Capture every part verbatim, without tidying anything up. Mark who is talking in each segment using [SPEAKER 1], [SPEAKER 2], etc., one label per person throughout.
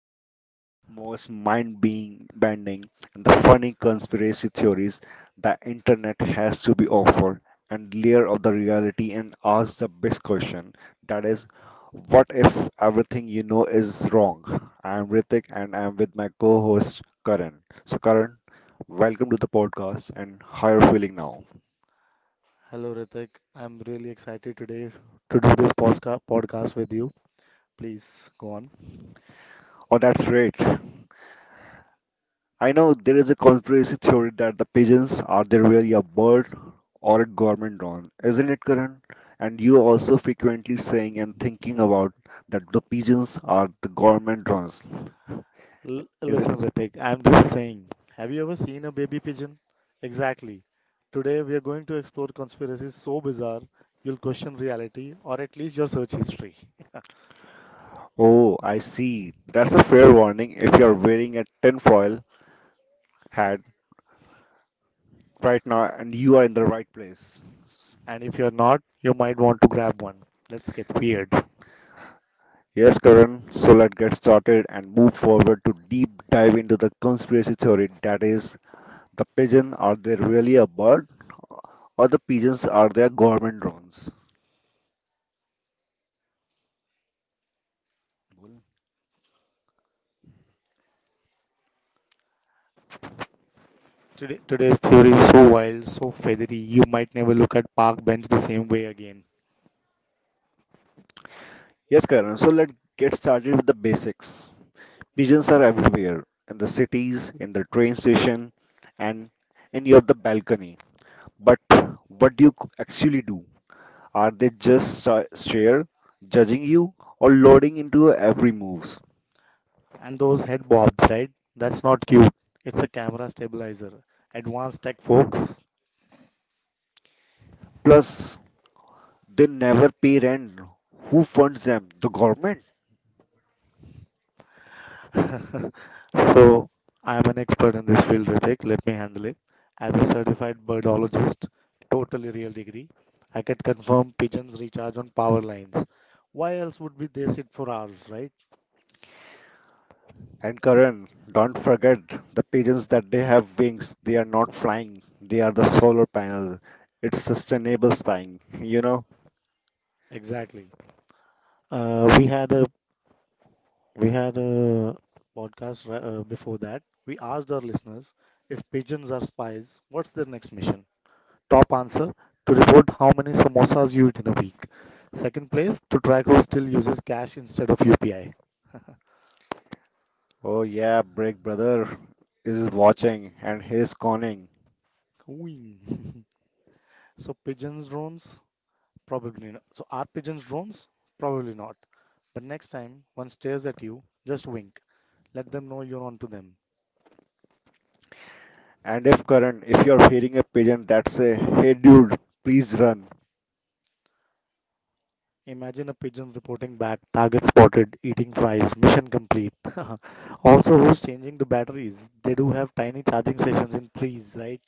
[SPEAKER 1] strangest, most mind bending and the funny conspiracy theories the internet has to be offered and layer of the reality and ask the best question. That is, what if everything you know is wrong? I'm Ritik and I'm with my co-host Karan. So Karan, welcome to the podcast and how are you feeling now?
[SPEAKER 2] Hello Ritik, I'm really excited today to do this posca- podcast with you. Please go on.
[SPEAKER 1] Oh, that's great. I know there is a conspiracy theory that the pigeons are there really a bird or a government drone, isn't it, Karan? And you also frequently saying and thinking about that the pigeons are the government drones,
[SPEAKER 2] L-
[SPEAKER 1] is it?
[SPEAKER 2] listen, Ritik, I'm just saying, have you ever seen a baby pigeon? Exactly. Today we are going to explore conspiracies so bizarre you'll question reality or at least your search history.
[SPEAKER 1] Oh, I see. That's a fair warning if you're wearing a tinfoil hat right now and you are in the right place.
[SPEAKER 2] And if you're not, you might want to grab one. Let's get weird.
[SPEAKER 1] Yes, Karan, so let's get started and move forward to deep dive into the conspiracy theory that is, the pigeon, are they really a bird? Or the pigeons, are they government drones?
[SPEAKER 2] Today, today's theory is so wild, so feathery, you might never look at park bench the same way again.
[SPEAKER 1] Yes, Karan, so let's get started with the basics. Pigeons are everywhere in the cities, in the train station, and in your the balcony. But what do you c- actually do? Are they just sta- stare, judging you, or loading into your every move?
[SPEAKER 2] And those head bobs, right? That's not cute. It's a camera stabilizer. Advanced tech, folks.
[SPEAKER 1] Plus, they never pay rent. Who funds them? The government?
[SPEAKER 2] So I'm an expert in this field, Ritik. Let me handle it. As a certified birdologist, totally real degree, I can confirm pigeons recharge on power lines. Why else would we they sit for hours, right?
[SPEAKER 1] And Karan, don't forget the pigeons that they have wings. They are not flying. They are the solar panel. It's sustainable spying, you know?
[SPEAKER 2] Exactly. Uh, we had a we had a podcast ri- uh, before that. We asked our listeners if pigeons are spies, what's their next mission? Top answer: to report how many samosas you eat in a week. Second place: to track who still uses cash instead of U P I.
[SPEAKER 1] Oh yeah, Break Brother is watching and he's conning.
[SPEAKER 2] Queen. So pigeons drones? Probably not. So are pigeons drones? Probably not. But next time one stares at you, just wink. Let them know you're on to them.
[SPEAKER 1] And if Karan, if you're hearing a pigeon that say, hey dude, please run.
[SPEAKER 2] Imagine a pigeon reporting back, target spotted, eating fries, mission complete. Also, who's changing the batteries? They do have tiny charging stations in trees, right?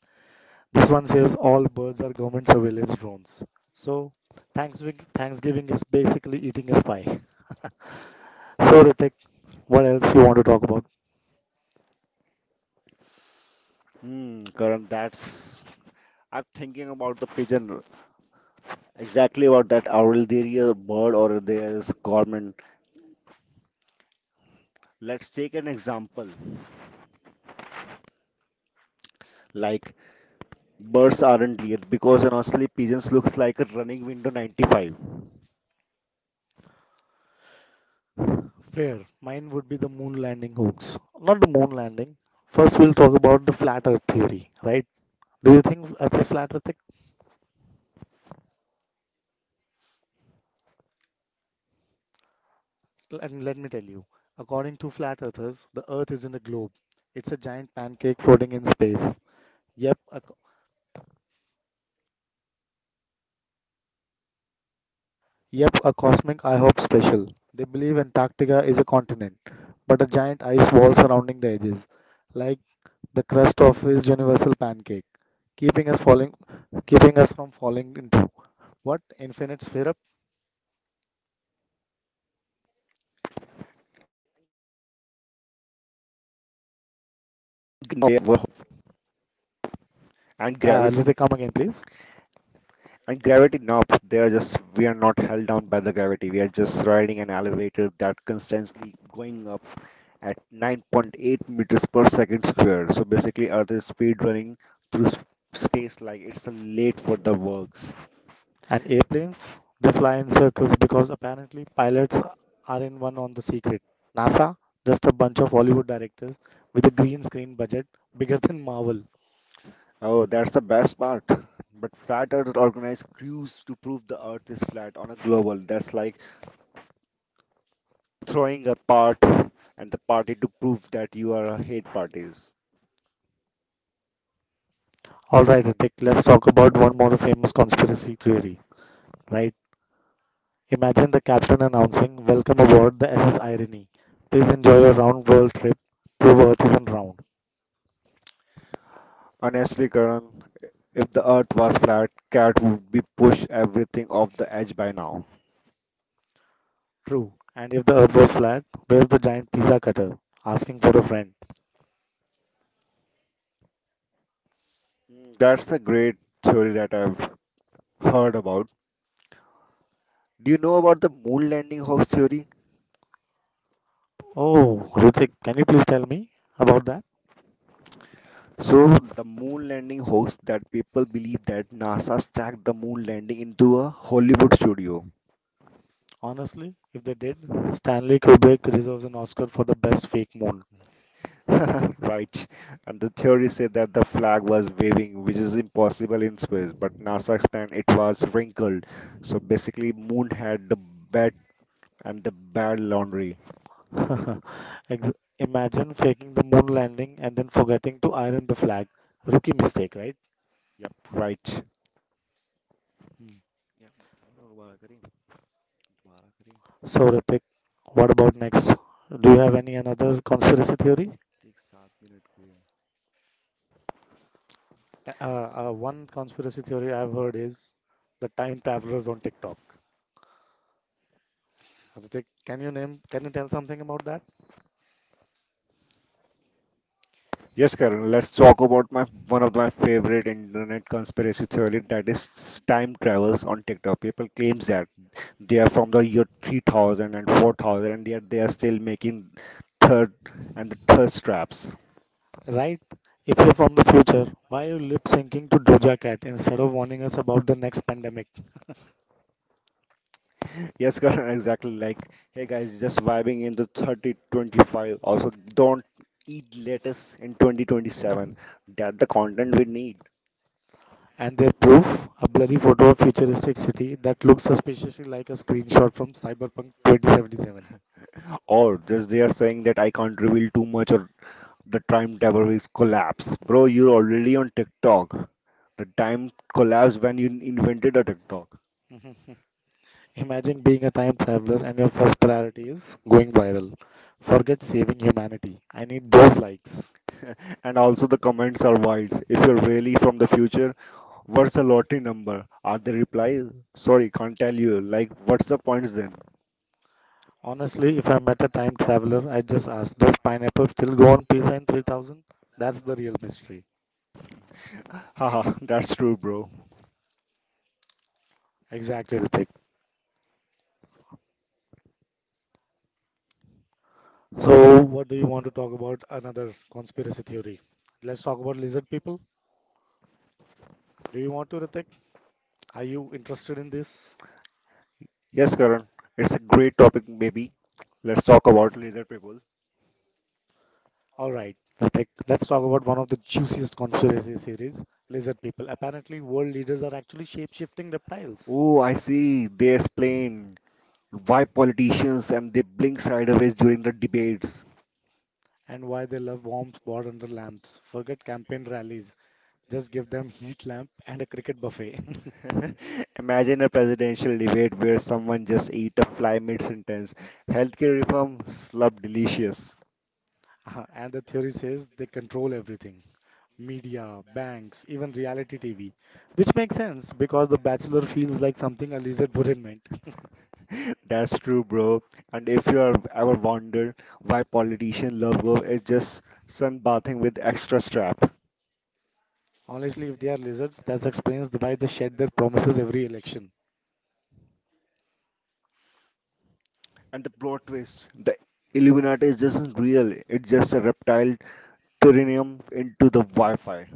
[SPEAKER 2] This one says all birds are government surveillance drones. So, Thanksgiving, Thanksgiving is basically eating a spy. So, Ritik, what else you want to talk about?
[SPEAKER 1] Hmm, Karan, that's, I'm thinking about the pigeon. Exactly about that. Are there a bird or there is government? Let's take an example. Like, birds aren't real because honestly, pigeons looks like a running window ninety-five.
[SPEAKER 2] Fair. Mine would be the moon landing hoax. Not the moon landing. First, we'll talk about the flat earth theory, right? Do you think Earth is flat earth? And let me tell you, according to flat earthers, the earth isn't a globe. It's a giant pancake floating in space. Yep, a, yep, a cosmic IHOP special. They believe Antarctica is a continent, but a giant ice wall surrounding the edges, like the crust of his universal pancake, keeping us falling, keeping us from falling into what infinite sphere.
[SPEAKER 1] Gra- and
[SPEAKER 2] Uh,
[SPEAKER 1] gravity,
[SPEAKER 2] let me come again, please.
[SPEAKER 1] and gravity knob. They are just, we are not held down by the gravity. We are just riding an elevator that constantly going up at nine point eight meters per second square. So basically, Earth is speed running through s- space like it's late for the works.
[SPEAKER 2] And airplanes, they fly in circles because apparently pilots are in one on the secret. NASA, just a bunch of Hollywood directors with a green screen budget bigger than Marvel.
[SPEAKER 1] Oh, that's the best part. But Flat Earth organized crews to prove the Earth is flat on a global. That's like throwing a part at the party to prove that you are a hate parties.
[SPEAKER 2] All right, Ritik, let's talk about one more famous conspiracy theory, right? Imagine the captain announcing, Welcome aboard the S S Irony. Please enjoy your round world trip. Prove Earth isn't round.
[SPEAKER 1] Honestly, Karan, if the earth was flat, cat would be pushed everything off the edge by now.
[SPEAKER 2] True. And if the Earth was flat, where's the giant pizza cutter? Asking for a friend.
[SPEAKER 1] Mm, That's a great theory that I've heard about. Do you know about the moon landing hoax theory?
[SPEAKER 2] Oh, Hrithik, can you please tell me about that?
[SPEAKER 1] So, the moon landing hoax that people believe that NASA stacked the moon landing into a Hollywood studio.
[SPEAKER 2] Honestly, if they did, Stanley Kubrick deserves an Oscar for the best fake moon.
[SPEAKER 1] Right. And the theory said that the flag was waving, which is impossible in space, but NASA explained it was wrinkled. So basically, moon had the bad and the bad laundry.
[SPEAKER 2] Ex- Imagine faking the moon landing and then forgetting to iron the flag. Rookie mistake, right?
[SPEAKER 1] Yep, right.
[SPEAKER 2] Hmm.
[SPEAKER 1] Yeah.
[SPEAKER 2] So, Hrithik, what about next? Do you have any another conspiracy theory? Uh, uh, one conspiracy theory I've heard is the time travelers on TikTok. Hrithik, can you name? Can you tell something about that?
[SPEAKER 1] Yes, Karan, let's talk about my one of my favorite internet conspiracy theory that is time travels on TikTok. People claims that they are from the year three thousand and four thousand and yet they are still making third and the thirst traps.
[SPEAKER 2] Right? If you're from the future, why are you lip syncing to Doja Cat instead of warning us about the next pandemic?
[SPEAKER 1] Yes, Karan, exactly like hey guys, just vibing in the thirty twenty-five. Also, don't eat lettuce in twenty twenty-seven. That the content we need.
[SPEAKER 2] And their proof, a blurry photo of futuristic city that looks suspiciously like a screenshot from Cyberpunk twenty seventy-seven.
[SPEAKER 1] Or just they are saying that I can't reveal too much, or the time table is collapse. Bro, you're already on TikTok. The time collapsed when you invented a TikTok.
[SPEAKER 2] Mhm. Imagine being a time traveler and your first priority is going viral. Forget saving humanity. I need those likes.
[SPEAKER 1] And also the comments are wild. If you're really from the future, what's the lottery number? Are they reply? Sorry, can't tell you. Like, what's the points then?
[SPEAKER 2] Honestly, if I met a time traveler, I'd just ask, does pineapple still go on pizza in three thousand? That's the real mystery.
[SPEAKER 1] Haha, that's true, bro.
[SPEAKER 2] Exactly, Ritik. So, what do you want to talk about? Another conspiracy theory. Let's talk about lizard people. Do you want to, Ritik? Are you interested in this?
[SPEAKER 1] Yes, Karan. It's a great topic, maybe. Let's talk about laser people.
[SPEAKER 2] All right, Ritik. Let's talk about one of the juiciest conspiracy theories, lizard people. Apparently, world leaders are actually shape-shifting reptiles.
[SPEAKER 1] Oh, I see. They explain why politicians and they blink sideways during the debates.
[SPEAKER 2] And why they love warm spot under lamps. Forget campaign rallies. Just give them heat lamp and a cricket buffet.
[SPEAKER 1] Imagine a presidential debate where someone just ate a fly mid-sentence. Healthcare reform, slub delicious.
[SPEAKER 2] Uh, And the theory says they control everything media, banks, even reality T V, which makes sense because The Bachelor feels like something a lizard wouldn't meant.
[SPEAKER 1] That's true, bro. And if you are ever wondered why politician love go, it's just sunbathing with extra strap.
[SPEAKER 2] Honestly, if they are lizards, that explains the- why they shed their promises every election.
[SPEAKER 1] And the plot twist, the Illuminati is just not real. It's just a reptile uranium into the Wi-Fi.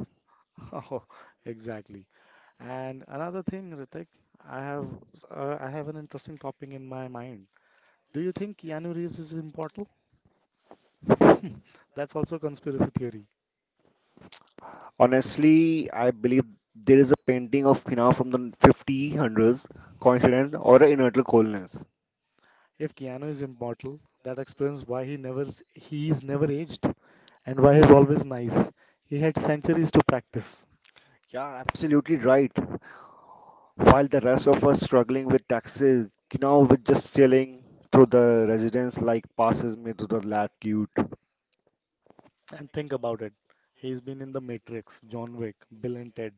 [SPEAKER 2] Oh, exactly. And another thing, Ritik, I have uh, I have an interesting topic in my mind. Do you think Keanu Reeves is immortal? That's also a conspiracy theory.
[SPEAKER 1] Honestly, I believe there is a painting of Kina from the fifteen hundreds, coincidence or an inertial coldness.
[SPEAKER 2] If Keanu is immortal, that explains why he never s- he is never aged, and why is always nice. He had centuries to practice.
[SPEAKER 1] Yeah, absolutely right. While the rest of us struggling with taxes, you know, with just chilling through the residence like passes me to the latitude.
[SPEAKER 2] And think about it. He's been in The Matrix, John Wick, Bill and Ted.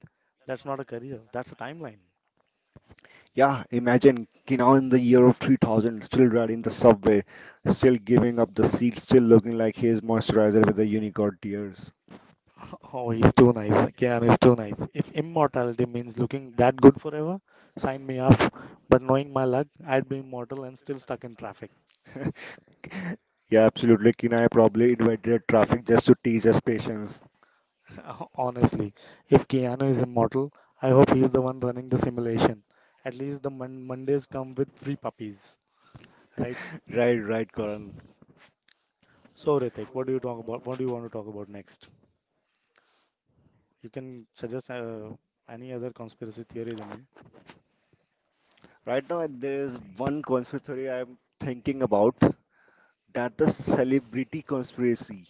[SPEAKER 2] That's not a career, that's a timeline.
[SPEAKER 1] Yeah, imagine, you know, in the year of three thousand, still riding the subway, still giving up the seat, still looking like his moisturizer with the unicorn tears.
[SPEAKER 2] Oh, he's too nice. Keanu is too nice. If immortality means looking that good forever, sign me up. But knowing my luck, I'd be immortal and still stuck in traffic.
[SPEAKER 1] Yeah, absolutely. Kinai probably invented traffic just to teach us patience.
[SPEAKER 2] Honestly, if Keanu is immortal, I hope he's the one running the simulation. At least the mon- Mondays come with free puppies, right?
[SPEAKER 1] Right, right, Karan.
[SPEAKER 2] So, Ritik, what do you talk about? What do you want to talk about next? You can suggest uh, any other conspiracy theory to me.
[SPEAKER 1] Right now, there is one conspiracy theory I'm thinking about that the celebrity conspiracy.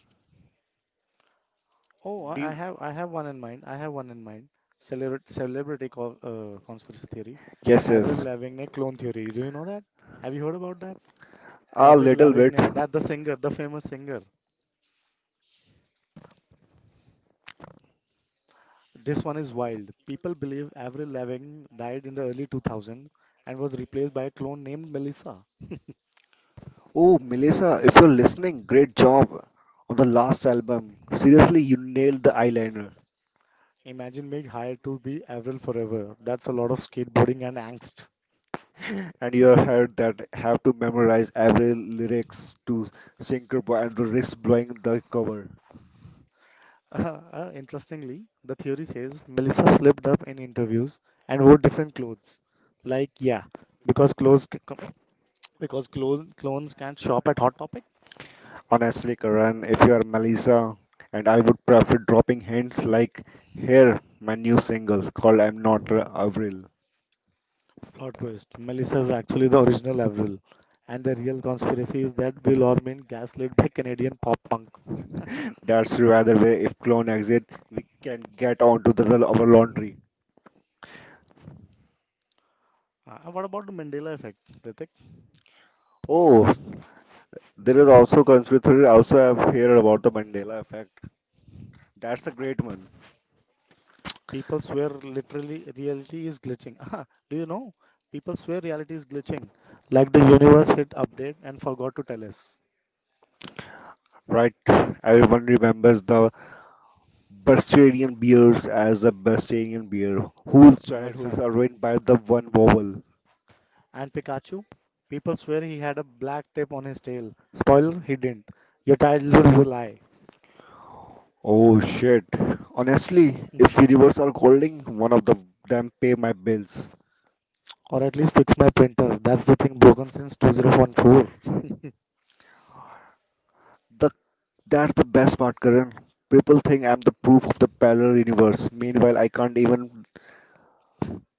[SPEAKER 2] Oh, I I
[SPEAKER 1] Do,
[SPEAKER 2] have, I have one in mind. I have one in mind. Celebra- celebrity co- uh, conspiracy theory.
[SPEAKER 1] yes,
[SPEAKER 2] Avril
[SPEAKER 1] yes,
[SPEAKER 2] Lavigne clone theory. Do you know that? Have you heard about that?
[SPEAKER 1] a
[SPEAKER 2] Avril
[SPEAKER 1] little bit.
[SPEAKER 2] Lavigne, that the singer, the famous singer. This one is wild. People believe Avril Lavigne died in the early two thousands and was replaced by a clone named Melissa.
[SPEAKER 1] Oh, Melissa, if you're listening, great job on the last album. Seriously, you nailed the eyeliner
[SPEAKER 2] Imagine being hired to be Avril forever. That's a lot of skateboarding and angst.
[SPEAKER 1] and your hair that have to memorize every lyrics to Syncope and to risk blowing the cover.
[SPEAKER 2] Uh, uh, interestingly, the theory says Melissa slipped up in interviews and wore different clothes. Like, yeah, because clothes c- c- because clone, clones can't shop at Hot Topic.
[SPEAKER 1] Honestly, Karan, if you are Melissa, and I would prefer dropping hints like, here, my new single called I'm Not a Avril.
[SPEAKER 2] Plot twist: Melissa is actually the original Avril, and the real conspiracy is that Bill Orman gaslit by Canadian pop punk.
[SPEAKER 1] That's the other way if clone exit, we can get on to the, our laundry.
[SPEAKER 2] Uh, what about the Mandela effect, Ritik?
[SPEAKER 1] Oh, there is also conspiracy. Also, I've heard about the Mandela effect. That's a great one,
[SPEAKER 2] People swear literally reality is glitching. Do you know? People swear reality is glitching, like the universe hit update and forgot to tell us.
[SPEAKER 1] right? Everyone remembers the Bostonian bears as a Bostonian bear whose
[SPEAKER 2] Ah,
[SPEAKER 1] childhoods
[SPEAKER 2] exactly.
[SPEAKER 1] are ruined by the one vowel.
[SPEAKER 2] And Pikachu? People swear he had a black tape on his tail. Spoiler, he didn't. Your childhood is a lie.
[SPEAKER 1] Oh shit! Honestly, if universe are holding, one of the them pay my bills.
[SPEAKER 2] Or at least fix my printer. That's the thing broken since twenty fourteen.
[SPEAKER 1] That's the best part, Karan. People think I'm the proof of the parallel universe. Meanwhile, I can't even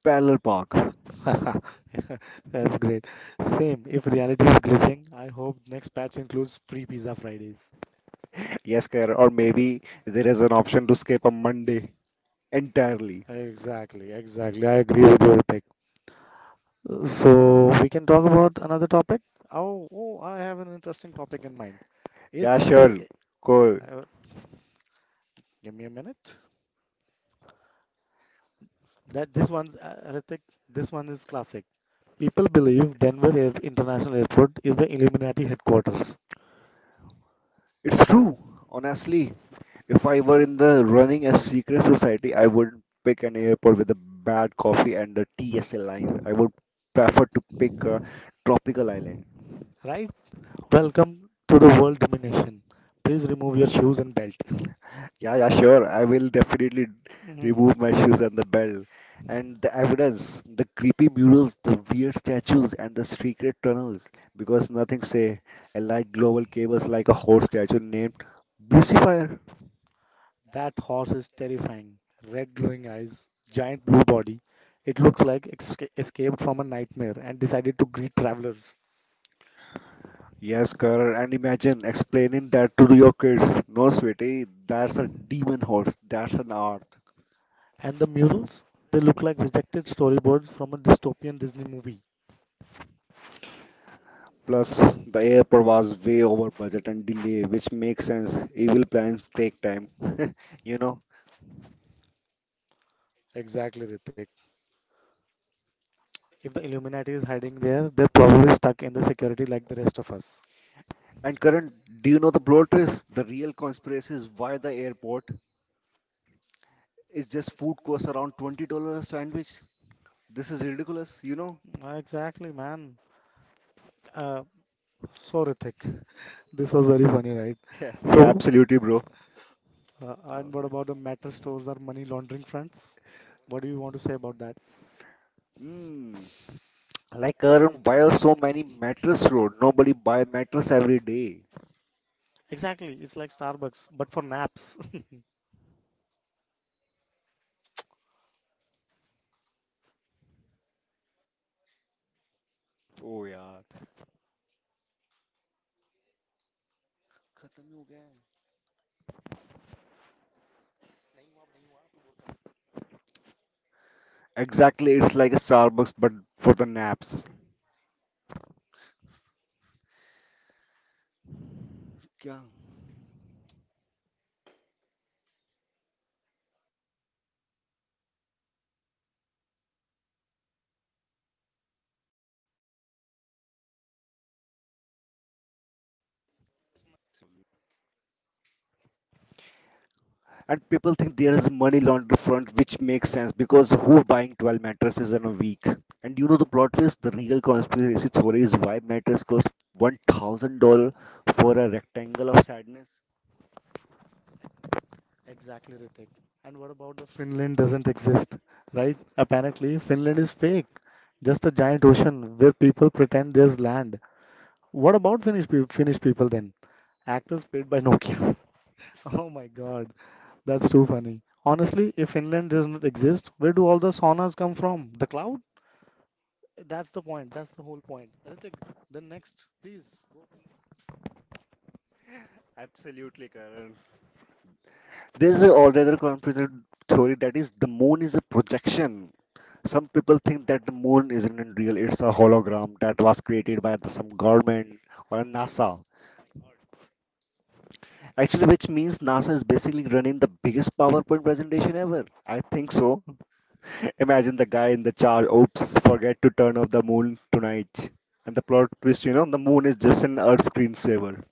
[SPEAKER 1] parallel park.
[SPEAKER 2] That's great. Same, if reality is glitching, I hope next patch includes free pizza Fridays.
[SPEAKER 1] Yes, Karan. Or maybe there is an option to skip a Monday. Entirely.
[SPEAKER 2] Exactly, exactly. I agree with your pick. So we can talk about another topic. Oh, oh, I have an interesting topic in mind. Is
[SPEAKER 1] Yeah,
[SPEAKER 2] Denver?
[SPEAKER 1] sure.
[SPEAKER 2] I-
[SPEAKER 1] Cool.
[SPEAKER 2] Uh, give me a minute. That this one's uh, Ritik, this one is classic. People believe Denver Air International Airport is the Illuminati headquarters,
[SPEAKER 1] It's true. Honestly, if I were in the running a secret society, I wouldn't pick an airport with a bad coffee and the T S L lines. I would prefer to pick a tropical island.
[SPEAKER 2] right? Welcome to the world domination. Please remove your shoes and belt.
[SPEAKER 1] Yeah, yeah, sure. I will definitely
[SPEAKER 2] Mhm.
[SPEAKER 1] remove my shoes and the bell. And the evidence, the creepy murals, the weird statues, and the secret tunnels. Because nothing say, I like global cables like a horse statue named Lucifer.
[SPEAKER 2] That horse is terrifying. Red glowing eyes, giant blue body. It looks like esca- escaped from a nightmare and decided to greet travelers.
[SPEAKER 1] Yes, Karan, and imagine explaining that to your kids. No, sweetie, that's a demon horse. That's an art.
[SPEAKER 2] And the murals, they look like rejected storyboards from a dystopian Disney movie.
[SPEAKER 1] Plus, the airport was way over budget and delay, which makes sense. Evil plans take time, you know.
[SPEAKER 2] Exactly, Ritik. If the Illuminati is hiding there, they're probably stuck in the security like the rest of us.
[SPEAKER 1] And Karan, do you know the plot twist? The real conspiracy is why the airport is just food costs around twenty dollars a sandwich. This is ridiculous, you know?
[SPEAKER 2] Uh, Exactly, man. Uh, so Ritik.
[SPEAKER 1] Yeah, yeah, absolutely, bro. No, no. Mm. Like Karan, why are so many mattress road? Nobody buy mattress every day. ओ यार खत्म ही हो गया है। Exactly, it's like a Starbucks but for the naps. क्या? And people think there is money laundry front, which makes sense because who buying twelve mattresses in a week? And you know the plot twist, the real conspiracy theory is why mattress costs one thousand dollars for a rectangle of sadness. Absolutely, Karan. There's a altogether conspiracy theory that is the moon is a projection. Some people think that the moon isn't real, it's a hologram that was created by the- some government or NASA. Actually, which means NASA is basically running the biggest PowerPoint presentation ever. I think so. Imagine the guy in the charge, oops, forget to turn off the moon tonight. And the plot twist, you know, the moon is just an Earth screensaver.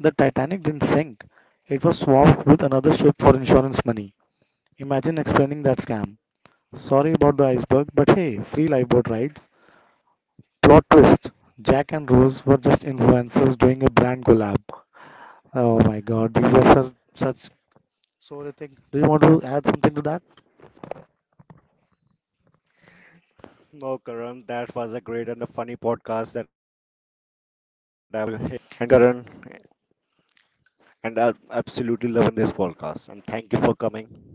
[SPEAKER 1] The Titanic didn't sink. It was swapped with another ship for insurance money. Imagine explaining that scam. Sorry about the iceberg, but hey, free lifeboat rides. Plot twist: Jack and Rose were just influencers doing a brand collab. Oh my god, these are such, such. Do you want to add something to that? No, Karan, that was a great and a funny podcast that I've Karan, and I'm absolutely loving this podcast. And thank you for coming.